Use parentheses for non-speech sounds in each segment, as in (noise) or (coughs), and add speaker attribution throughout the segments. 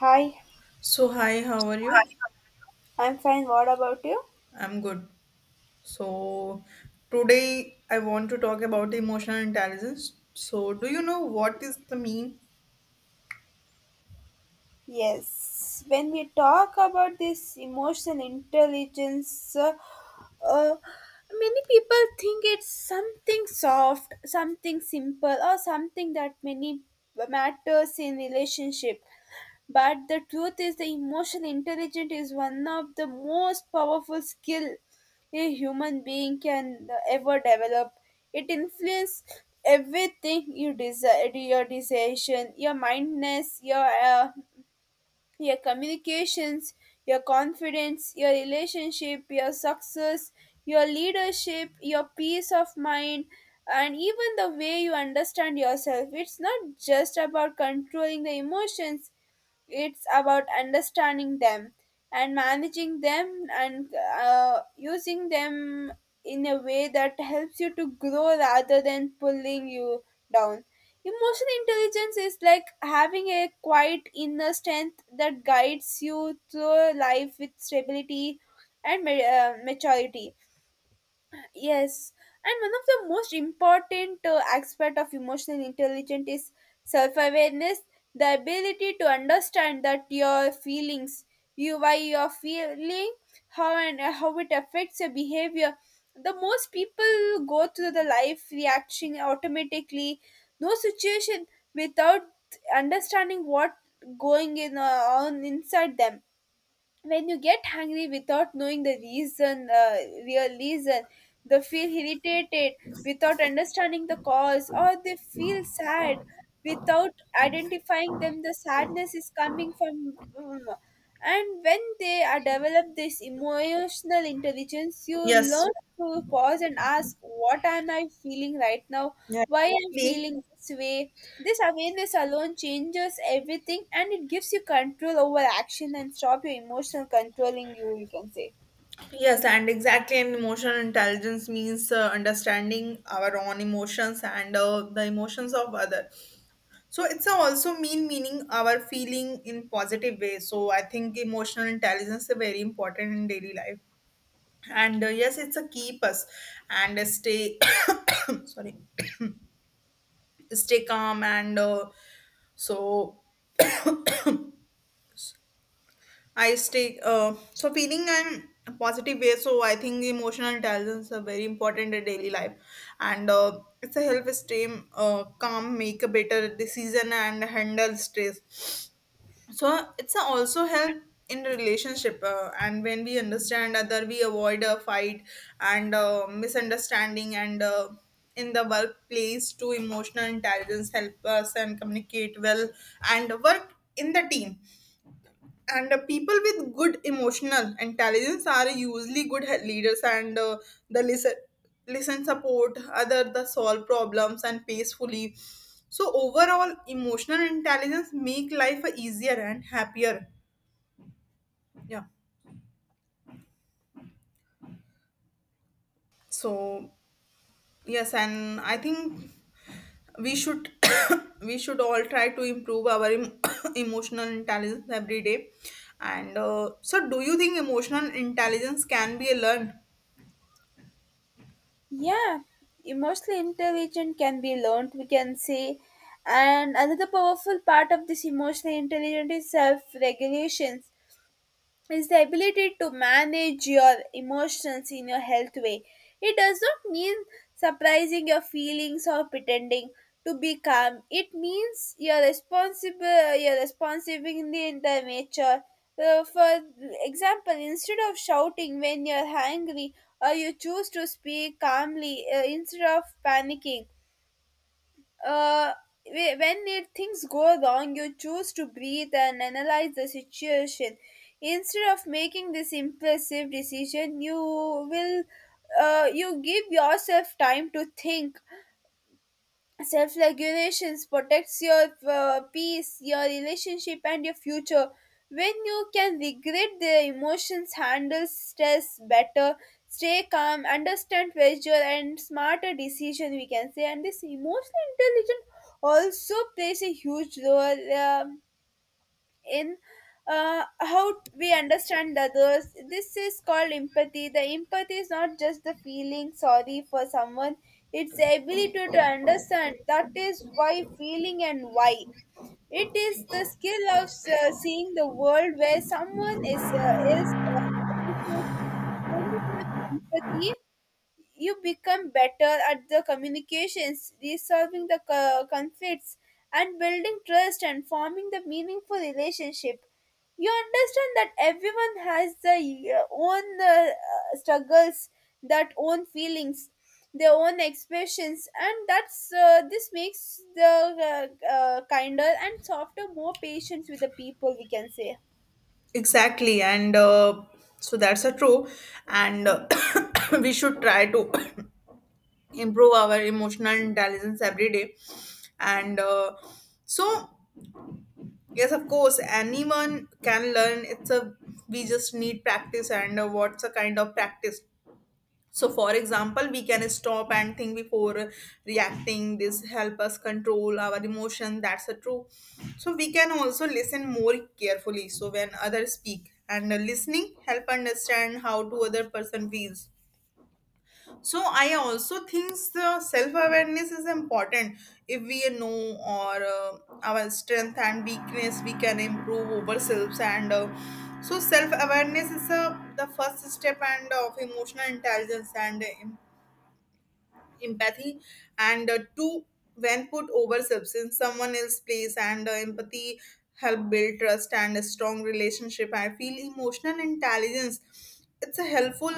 Speaker 1: Hi,
Speaker 2: So, hi, how are you?
Speaker 1: I'm fine. What about you?
Speaker 2: I'm good. So, today I want to talk about emotional intelligence. So, do you know what is the mean?
Speaker 1: Yes, when we talk about this emotional intelligence, uh, many people think it's something soft, something simple, or something that many matters in relationship. But the truth is, the emotional intelligence is one of the most powerful skill a human being can ever develop. It influences everything you desire, your decision, your mindness, your communications, your confidence, your relationship, your success, your leadership, your peace of mind, and even the way you understand yourself. It's not just about controlling the emotions, it's about understanding them and managing them and using them in a way that helps you to grow rather than pulling you down. Emotional intelligence is like having a quiet inner strength that guides you through life with stability and maturity. Yes, and one of the most important aspect of emotional intelligence is self-awareness, the ability to understand that your feelings, you why you're feeling, how and how it affects your behavior. The most people go through the life reacting automatically, no situation without understanding what going in on inside them when you get hungry without knowing the reason, real reason, they feel irritated without understanding the cause, or they feel sad without identifying them. The sadness is coming from, and when they are develop this emotional intelligence, you
Speaker 2: Yes.
Speaker 1: learn to pause and ask, "What am I feeling right now?
Speaker 2: Yeah.
Speaker 1: Why I am
Speaker 2: Exactly.
Speaker 1: feeling this way?" This awareness alone changes everything and it gives you control over action and stop your emotional controlling you, you can say.
Speaker 2: Yes, and exactly, and emotional intelligence means understanding our own emotions and the emotions of other. So it's a also mean meaning our feeling in positive way. So I think emotional intelligence is very important in daily life. And Yes, it's a keep us and stay (coughs) sorry, stay calm and so (coughs) I stay so feeling and positive way. So I think emotional intelligence are very important in daily life, and it's a help us stay calm, make a better decision, and handle stress. So it's a also help in the relationship, and when we understand other we avoid a fight and misunderstanding. And In the workplace too, emotional intelligence help us and communicate well and work in the team, and people with good emotional intelligence are usually leaders, and the listen listen, support other, the solve problems and peacefully. So overall emotional intelligence make life easier and happier. Yeah. So yes, and I think we should (coughs) we should all try to (coughs) emotional intelligence every day. And so do you think emotional intelligence can be learned?
Speaker 1: Yeah, emotional intelligence can be learned, we can say. And another powerful part of this emotional intelligence is self regulation. Is the ability to manage your emotions in your health way. It does not mean suppressing your feelings or pretending to be calm. It means you're responsible, you're responsive in the nature. For example, instead of shouting when you're angry, or you choose to speak calmly instead of panicking uh, when it, things go wrong, you choose to breathe and analyze the situation. Instead of making this impulsive decision, you give yourself time to think self regulations protects your peace your relationship and your future when you can regret the emotions handle stress better stay calm understand pressure and smarter decision we can say and this emotional intelligence also plays a huge role in how we understand others. This is called empathy. The empathy is not just the feeling sorry for someone, it's the ability to understand. That is why feeling and why. It is the skill of seeing the world where someone is appreciates when you have empathy you become better at the communications, resolving the conflicts, and building trust and forming the meaningful relationship. You understand that everyone has their own struggles, that own feelings, their own expressions, and that's this makes the kinder and softer, more patience with the people. We can say,
Speaker 2: Exactly, and so that's a true, and (coughs) we should try to (coughs) improve our emotional intelligence every day. And uh, so, yes, of course, anyone can learn. It's a we just need practice, and what's a kind of practice? So, for example, we can stop and think before reacting. This help us control our emotion. That's a true. So, we can also listen more carefully. So, when others speak and listening help understand how to other person feels. So, I also think the self awareness is important. If we know or our strength and weakness, we can improve ourselves and. So self awareness is a, the first step and of emotional intelligence and empathy, and two, when put over substance someone else place, and empathy help build trust and a strong relationship. I feel emotional intelligence it's a helpful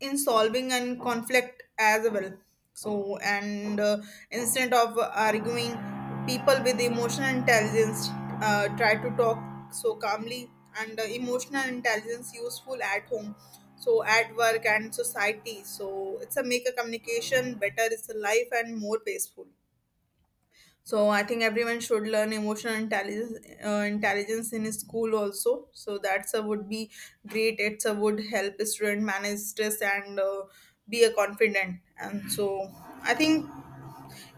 Speaker 2: in solving and conflict as well. So and uh, instead of arguing, people with emotional intelligence try to talk so calmly, and emotional intelligence useful at home, so at work and society. So it's a make a communication better, it's a life and more peaceful. So I think everyone should learn emotional intelligence, intelligence, in school also. So that's a would be great. It's a would help a student manage stress and be a confident. And so I think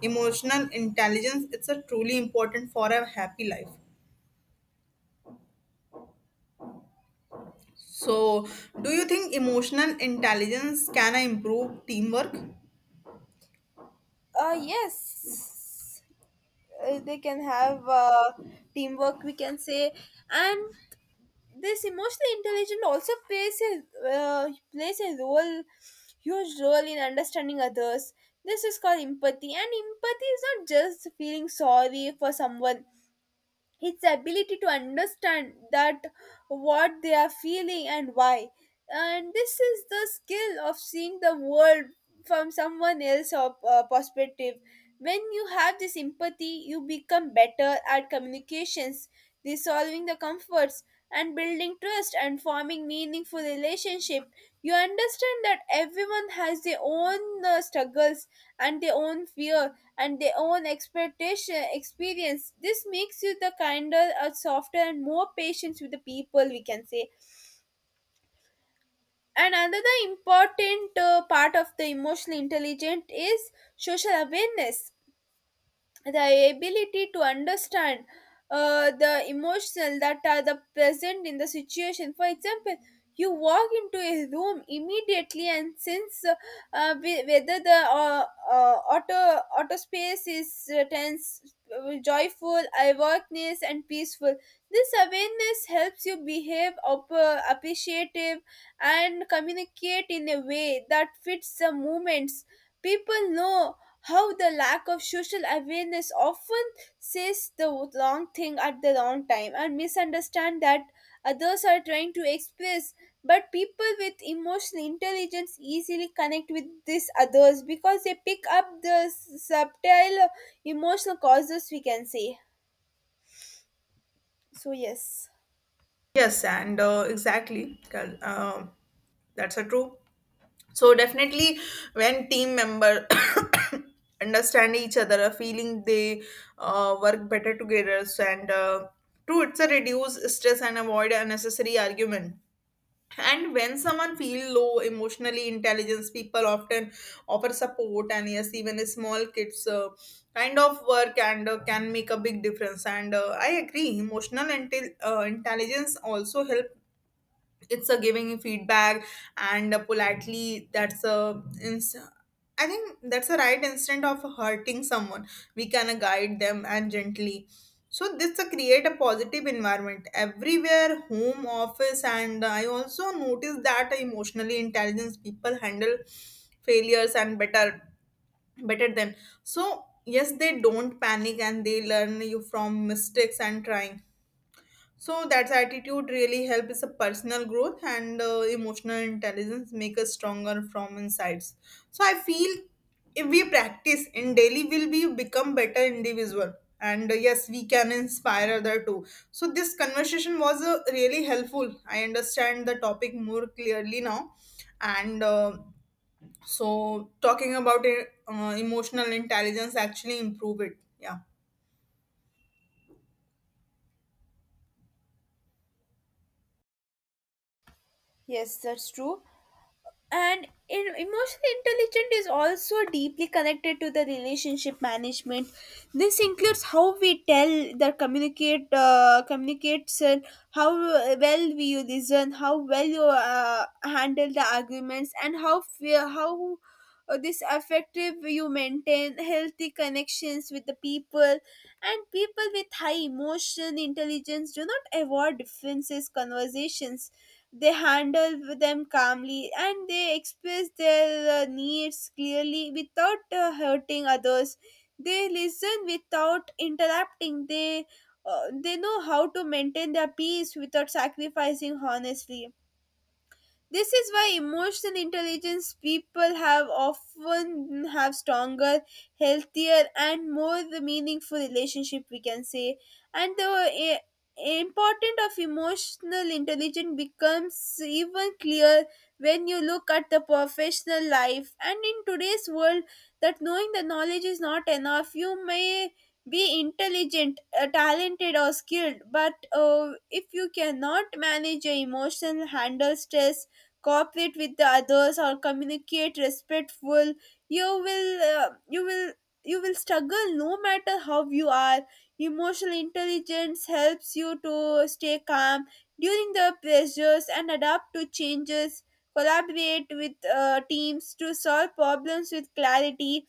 Speaker 2: emotional intelligence it's a truly important for a happy life. So, do you think emotional intelligence can improve teamwork?
Speaker 1: yes. They can have teamwork we can say and this emotional intelligence also plays a plays a role huge role in understanding others this is called empathy and empathy is not just feeling sorry for someone his ability to understand that what they are feeling and why. And this is the skill of seeing the world from someone else's perspective. When you have this empathy, you become better at communications, resolving the comforts, and building trust and forming meaningful relationship you understand that everyone has their own struggles and their own fear and their own expectation experience this makes you the kinder or softer and more patient with the people we can say and another important part of the emotional intelligent is social awareness the ability to understand the emotional that are the present in the situation for example you walk into a room immediately and since whether the auto space is tense joyful awareness and peaceful this awareness helps you behave appreciative and communicate in a way that fits the moments people know how the lack of social awareness often says the wrong thing at the wrong time and misunderstand that others are trying to express. But people with emotional intelligence easily connect with these others because they pick up the subtle emotional causes, we can say. So, yes,
Speaker 2: Yes, and exactly. That's a true. So definitely when team member (coughs) understand each other a feeling, they work better together. So, and uh, two, it's a reduce stress and avoid unnecessary argument. And when someone feel low, emotionally intelligence people often offer support. And yes, even a small kids kind of work and can make a big difference, and I agree. Intelligence also help, it's a giving feedback and a politely. I think that's a right instant of hurting someone. We can guide them and gently. So this create a positive environment everywhere, home, office. And I also noticed that emotionally intelligence people handle failures and better, better than. So yes, they don't panic and they learn you from mistakes and trying. So that attitude really helps a personal growth, and emotional intelligence make us stronger from insides. So I feel if we practice in daily, will we become better individual? And yes, we can inspire other too. So this conversation was really helpful. I understand the topic more clearly now, and talking about it, emotional intelligence actually improve it. Yeah.
Speaker 1: yes, that's true. And in, emotional intelligence is also deeply connected to the relationship management this includes how we tell the communicates and how well we listen how well you handle the arguments and how fear how this effective you maintain healthy connections with the people and people with high emotion intelligence do not avoid differences conversations they handle with them calmly and they express their needs clearly without hurting others they listen without interrupting they know how to maintain their peace without sacrificing honestly this is why emotional intelligence people have often have stronger, healthier, and more the meaningful relationship we can say, and importance of emotional intelligence becomes even clear when you look at the professional life and in today's world that knowing the knowledge is not enough you may be intelligent talented or skilled but if you cannot manage your emotion handle stress cooperate with the others or communicate respectful you will you will struggle no matter how you are emotional intelligence helps you to stay calm during the pressures and adapt to changes collaborate with teams to solve problems with clarity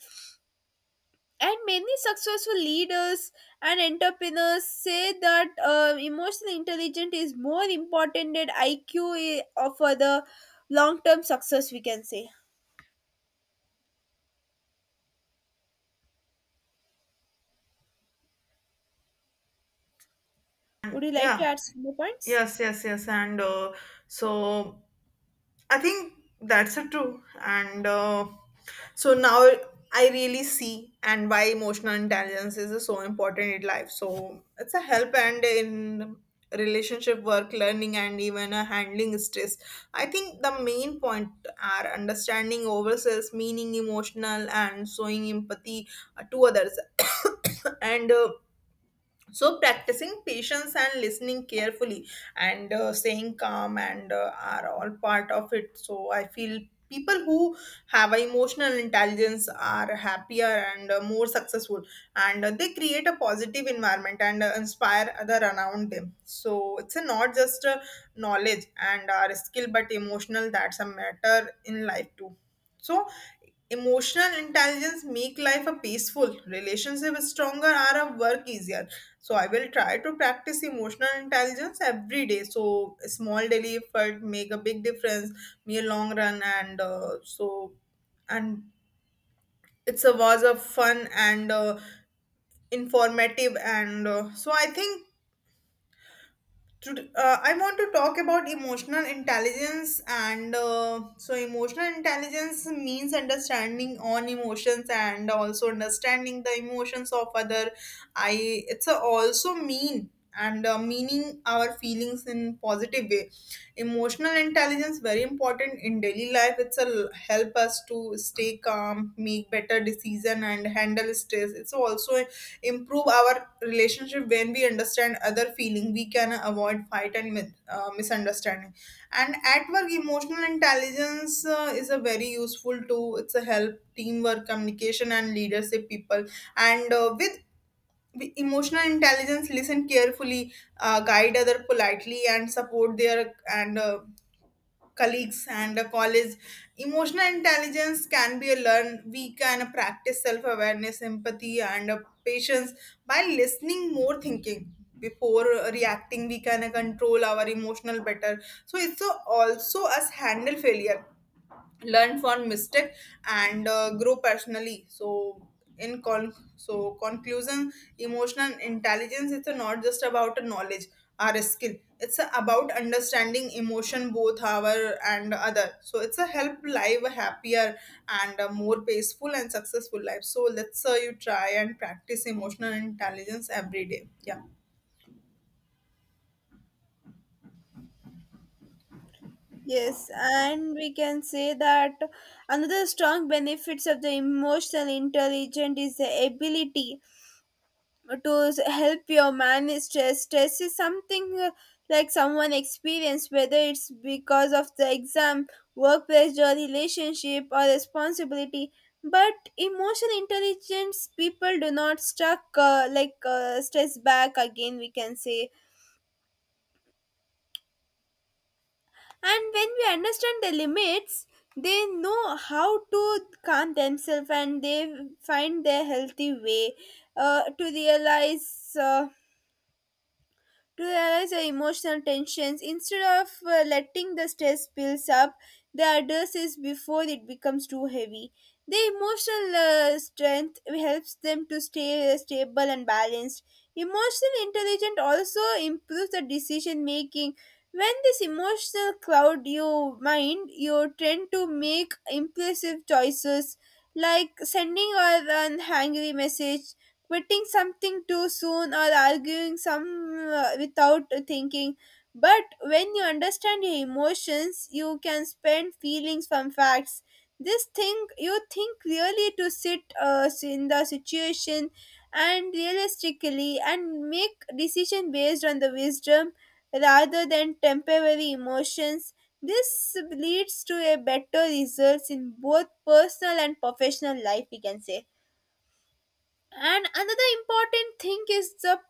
Speaker 1: and many successful leaders and entrepreneurs say that emotional intelligence is more important than IQ for the long term success, we can say. Would you like to
Speaker 2: Yeah,
Speaker 1: add some more points?
Speaker 2: yes, yes, yes, and. So I think that's a true. And now I really see and why emotional intelligence is so important in life. So it's a help and in relationship, work, learning, and even handling stress. I think the main point are understanding ourselves, meaning emotional, and showing empathy to others. (coughs) and so practicing patience and listening carefully and staying calm and are all part of it. So I feel people who have emotional intelligence are happier and more successful, and they create a positive environment and inspire other around them. So it's a not just knowledge and our skill, but emotional that's a matter in life too. So emotional intelligence make life a peaceful, relationship stronger, are a work easier. So I will try to practice emotional intelligence every day. So small daily effort make a big difference, me a long run, and it's a was a fun and informative, and so I think today, I want to talk about emotional intelligence, and so emotional intelligence means understanding on emotions and also understanding the emotions of other. I it's a also mean and meaning our feelings in positive way. Emotional intelligence very important in daily life. Help us to stay calm, make better decision, and handle stress. It's also improve our relationship. When we understand other feeling, we can avoid fight and misunderstanding. And at work, emotional intelligence is a very useful tool. It's a help teamwork, communication, and leadership people, and with emotional intelligence listen carefully, guide other politely and support their, and colleagues and a college. Emotional intelligence can be learned. We can practice self awareness, empathy, and patience, by listening more, thinking before reacting. We can control our emotional better. So it's also us handle failure, learn from mistake, and grow personally. So in conclusion, emotional intelligence is not just about a knowledge or a skill, it's about understanding emotion, both our and other. So it's a help live a happier and a more peaceful and successful life. So let's you try and practice emotional intelligence every day. Yeah.
Speaker 1: Yes, and we can say that another strong benefits of the emotional intelligence is the ability to help your manage stress. Stress is something like someone experience whether it's because of the exam, work pressure, relationship, or responsibility. But emotional intelligence people do not stuck stress back again. We can say, and when we understand the limits, they know how to calm themselves and they find their healthy way to realize. To realize the emotional tensions instead of letting the stress build up they address it before it becomes too heavy the emotional strength helps them to stay stable and balanced emotional intelligence also improves the decision making when this emotional cloud your mind you tend to make impulsive choices like sending or an angry message, quitting something too soon, or arguing some without thinking. But when you understand your emotions, you can spend feelings from facts. This thing you think really to sit in the situation and realistically and make decision based on the wisdom rather than temporary emotions. This leads to a better results in both personal and professional life, we can say. And another important thing is the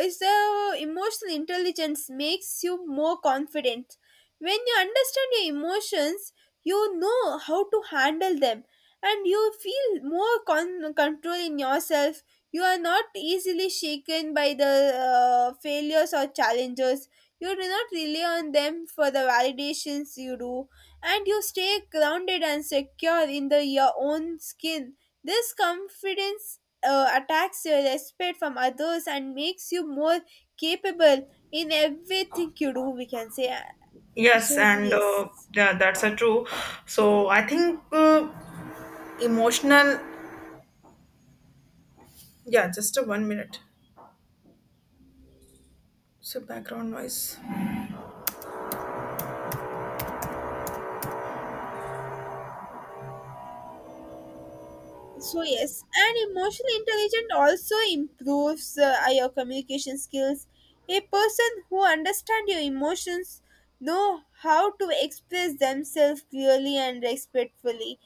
Speaker 1: is the emotional intelligence makes you more confident when you understand your emotions you know how to handle them and you feel more control in yourself you are not easily shaken by the failures or challenges you do not rely on them for the validations you do and you stay grounded and secure in the your own skin this confidence attacks your respect from others and makes you more capable in everything you do we can say Uh, so
Speaker 2: Yes, and
Speaker 1: yes
Speaker 2: yeah, that's a true. So I think emotional, yeah, just a one minute. So, background noise.
Speaker 1: so yes and emotional intelligence also improves your communication skills a person who understands your emotions know how to express themselves clearly and respectfully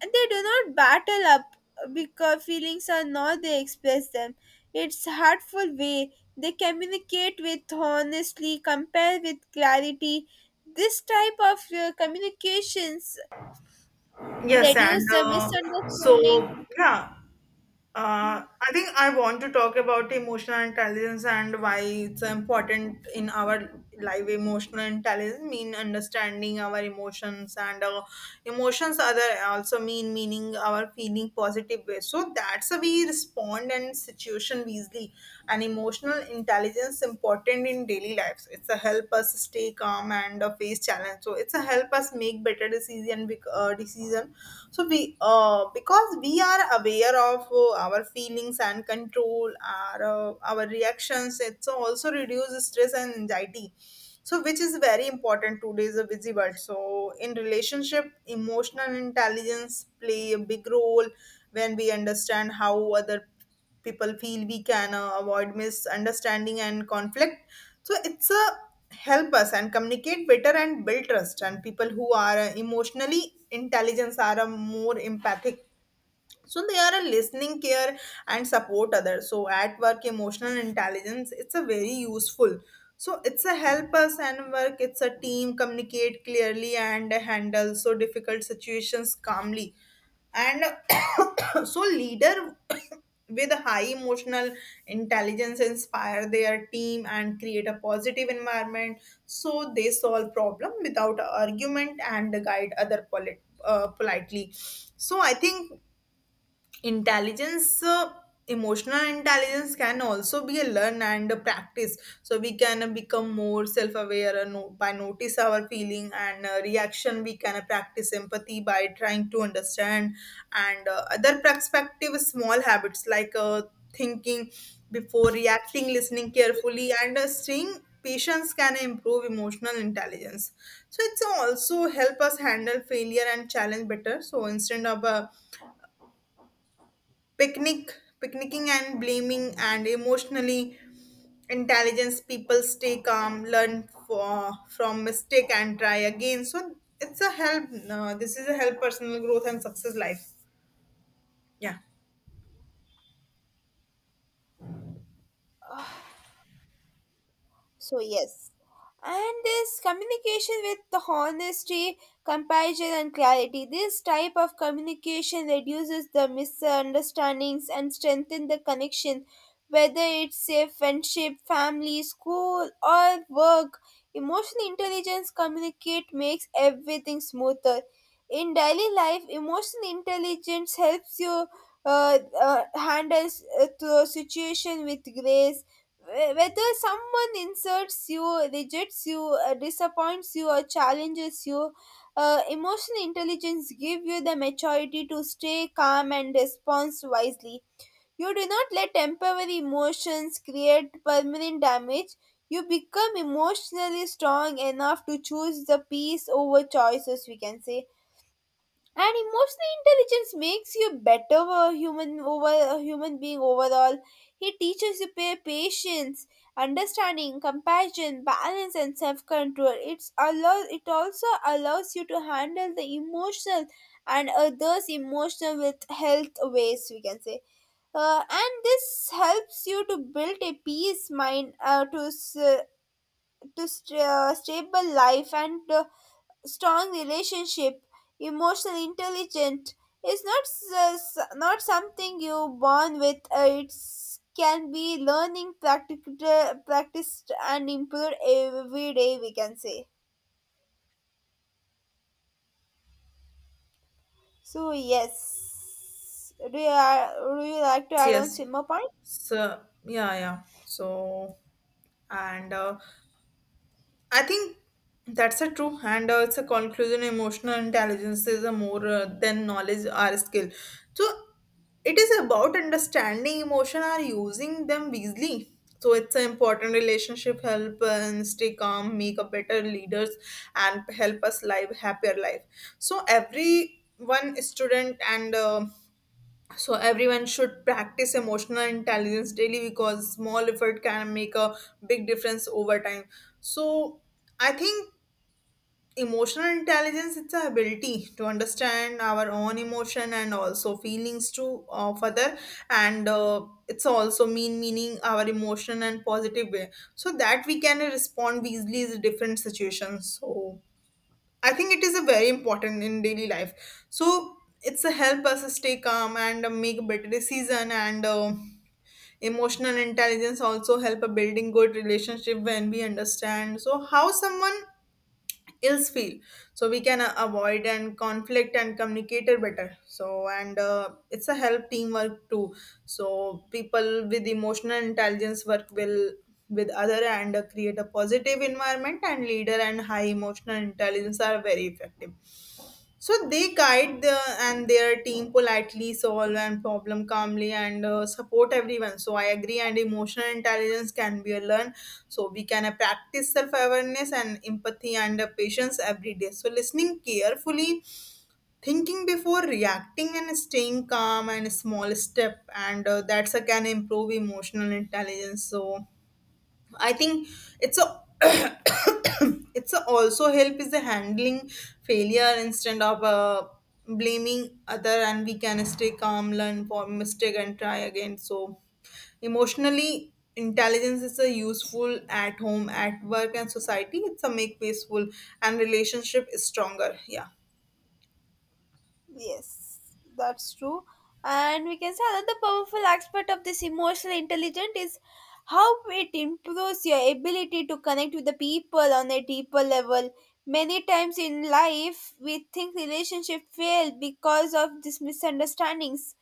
Speaker 1: they do not battle up because feelings are not they express them it's heartful way they communicate with honestly compare with clarity this type of communications
Speaker 2: Yes, and
Speaker 1: reduce the
Speaker 2: uh,
Speaker 1: misunderstanding
Speaker 2: so yeah. I think I want to talk about emotional intelligence and why it's important in our life. Emotional intelligence mean understanding our emotions, and emotions are the also mean meaning our feeling positive way. So that's how we respond and situation easily. And emotional intelligence important in daily lives. It's a help us stay calm and face challenge. So it's a help us make better decision, decision, so we because we are aware of our feelings and control our reactions. It's also reduce stress and anxiety, so which is very important today's a busy world. So in relationship, emotional intelligence play a big role. When we understand how other people feel, we can avoid misunderstanding and conflict. So it's a help us and communicate better and build trust. And people who are emotionally intelligent are more empathic, so they are a listening care and support others. So at work, emotional intelligence it's a very useful. So it's a help us and work it's a team, communicate clearly, and handle so difficult situations calmly. And (coughs) so leader (coughs) with high emotional intelligence inspire their team and create a positive environment. So they solve problem without argument and guide other politely. So I think intelligence emotional intelligence can also be a learn and a practice. So we can become more self-aware, and by notice our feeling and reaction. We can practice empathy by trying to understand and other perspective. Small habits like thinking before reacting, listening carefully, and staying patience, can improve emotional intelligence. So it's also help us handle failure and challenge better. So instead of picnicking and blaming, and emotionally intelligence people stay calm, learn for, from mistake, and try again. So it's a help, this is a help personal growth and success life. Yeah.
Speaker 1: So yes, and this communication with the honesty, compassion, and clarity. This type of communication reduces the misunderstandings and strengthen the connection, whether it's a friendship, family, school, or work. Emotional intelligence communicate makes everything smoother. In daily life, emotional intelligence helps you handle the situation with grace whether someone insults you rejects you disappoints you or challenges you emotional intelligence give you the maturity to stay calm and respond wisely you do not let temporary emotions create permanent damage you become emotionally strong enough to choose the peace over choices we can say and emotional intelligence makes you a better human being overall it teaches you patience understanding compassion balance and self-control it also allows you to handle the emotional and others emotional with health ways we can say and this helps you to build a peace mind to s- to st- stable life and strong relationship emotional intelligent is not s- s- not something you born with it can be learning practiced and improved every day we can say so yes do you like to
Speaker 2: Yes,
Speaker 1: add
Speaker 2: yes.
Speaker 1: on some more points
Speaker 2: So yeah, yeah. So and uh, I think that's a true, and it's a conclusion. Emotional intelligence is a more than knowledge or skill. So it is about understanding emotion or using them wisely. So it's an important relationship help and stay calm, make a better leaders, and help us live happier life. So every one student and everyone should practice emotional intelligence daily, because small effort can make a big difference over time. So I think emotional intelligence it's a ability to understand our own emotion and also feelings to of other, and it's also mean meaning our emotion and positive way, so that we can respond easily to different situations. So I think it is a very important in daily life. So it's a help us stay calm and make a better decision, and emotional intelligence also help a building good relationship. When we understand so how someone ills feel, so we can avoid and conflict and communicate it better. So and uh, it's a help teamwork too. So people with emotional intelligence work well with other and create a positive environment. And leader and high emotional intelligence are very effective, so they guide the, and their team politely, solve and problem calmly, and support everyone. So I agree, and emotional intelligence can be learned. So we can practice self-awareness and empathy and patience every day. So listening carefully, thinking before reacting, and staying calm, and small step, and that's can improve emotional intelligence. So I think it's a (coughs) it's a also help is the handling failure. Instead of blaming other, and we can stay calm, learn from mistake, and try again. So emotionally intelligence is a useful at home, at work, and society. It's a make peaceful and relationship is stronger. Yeah.
Speaker 1: Yes, that's true. And we can say another powerful aspect of this emotional intelligence is how it improves your ability to connect with the people on a deeper level. Many times in life, we think relationship fail because of these misunderstandings,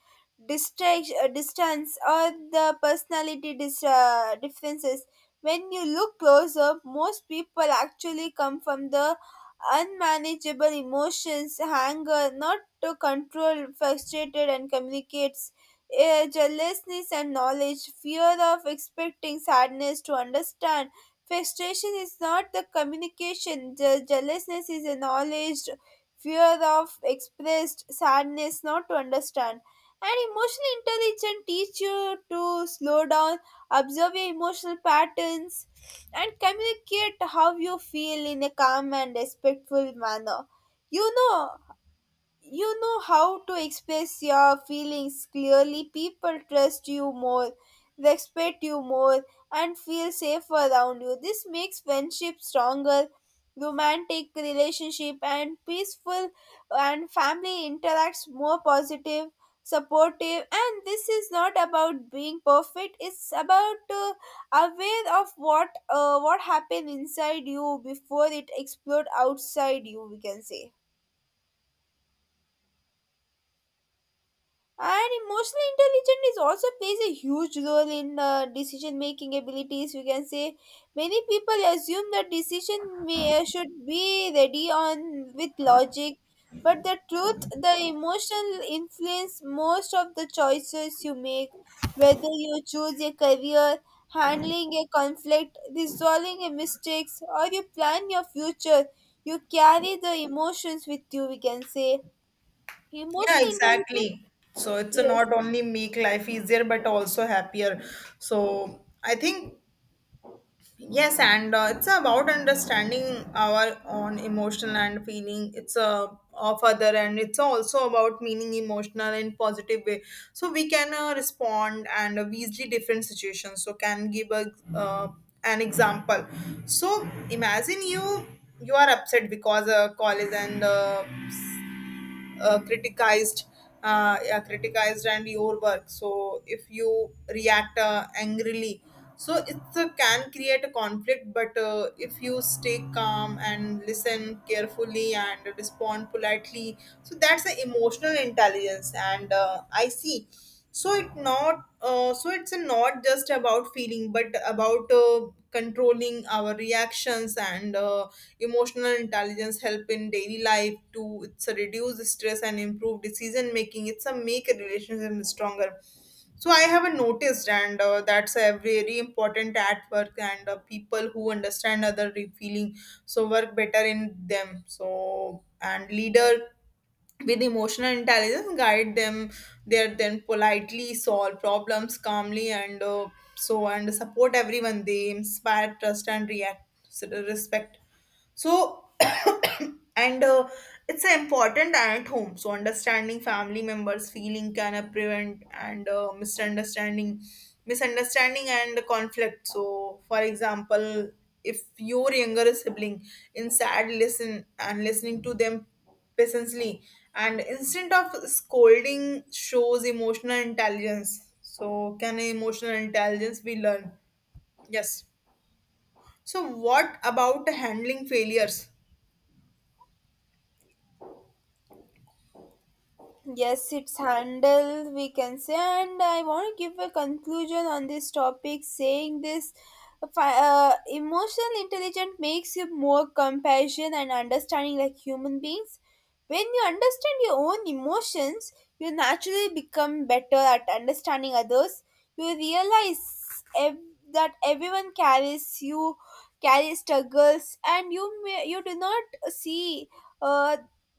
Speaker 1: distance, or the personality differences. When you look closer, most people actually come from the unmanageable emotions, anger, not to control, frustrated and communicates, jealousness and knowledge, fear of expecting sadness to understand. Frustration is not the communication, jealousness is acknowledged, fear of expressed, sadness not to understand. And emotional intelligence teach you to slow down, observe your emotional patterns, and communicate how you feel in a calm and respectful manner. You know, you know how to express your feelings clearly people trust you more respect you more and feel safe around you this makes friendship stronger romantic relationship and peaceful and family interacts more positive supportive and this is not about being perfect it's about aware of what happened inside you before it explode outside you we can say and emotional intelligence is also plays a huge role in decision making abilities. We can say many people assume that should be ready on with logic, but the truth, the emotional influence most of the choices you make, whether you choose a career, handling a conflict, resolving a mistakes, or you plan your future, you carry the emotions with you. We can say
Speaker 2: Yeah,
Speaker 1: emotional intelligence.
Speaker 2: exactly. So it's a
Speaker 1: Yes.
Speaker 2: not only make life easier but also happier. So I think yes, and it's about understanding our own emotional and feeling. It's of other, and it's also about meaning emotional in positive way. So we can respond and we see different situations. So can give a uh, an example. So imagine you are upset because college and criticized yeah, criticized and your work. So if you react angrily, so it can create a conflict, but if you stay calm and listen carefully and respond politely, so that's the emotional intelligence, and I see. So it not so it's not just about feeling but about controlling our reactions, and emotional intelligence help in daily life to. It's a reduce stress and improve decision making. It's a make a relationship stronger. So I have noticed and that's a very important at work, and people who understand other feeling, so work better in them. So and leader with emotional intelligence guide them, there then politely, solve problems calmly, and and support everyone. They inspire trust and react respect. So, (coughs) and it's important at home. So, understanding family members' feeling can prevent and misunderstanding and conflict. So, for example, if your younger sibling is sad, listening to them patiently, and instead of scolding, shows emotional intelligence. So, can emotional intelligence be learned? Yes. So, what about handling failures?
Speaker 1: Yes, it's handled, we can say, and I want to give a conclusion on this topic saying this emotional intelligence makes you more compassion and understanding like human beings. When you understand your own emotions, you naturally become better at understanding others. You realize ev- that everyone carries struggles, and you do not see uh,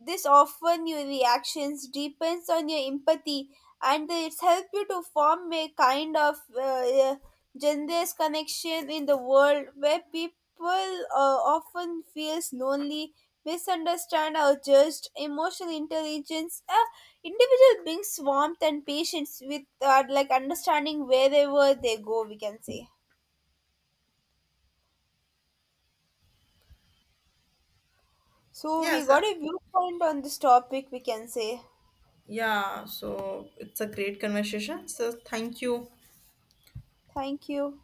Speaker 1: this often your reactions depends on your empathy and it's help you to form a kind of generous connection in the world where people often feels lonely, misunderstand or judged. Emotional intelligence, individual brings warmth and patience with like understanding wherever they go. We can say. So we
Speaker 2: Yes.
Speaker 1: got a viewpoint on this topic. We can say.
Speaker 2: Yeah. So it's a great conversation. So thank you.
Speaker 1: Thank you.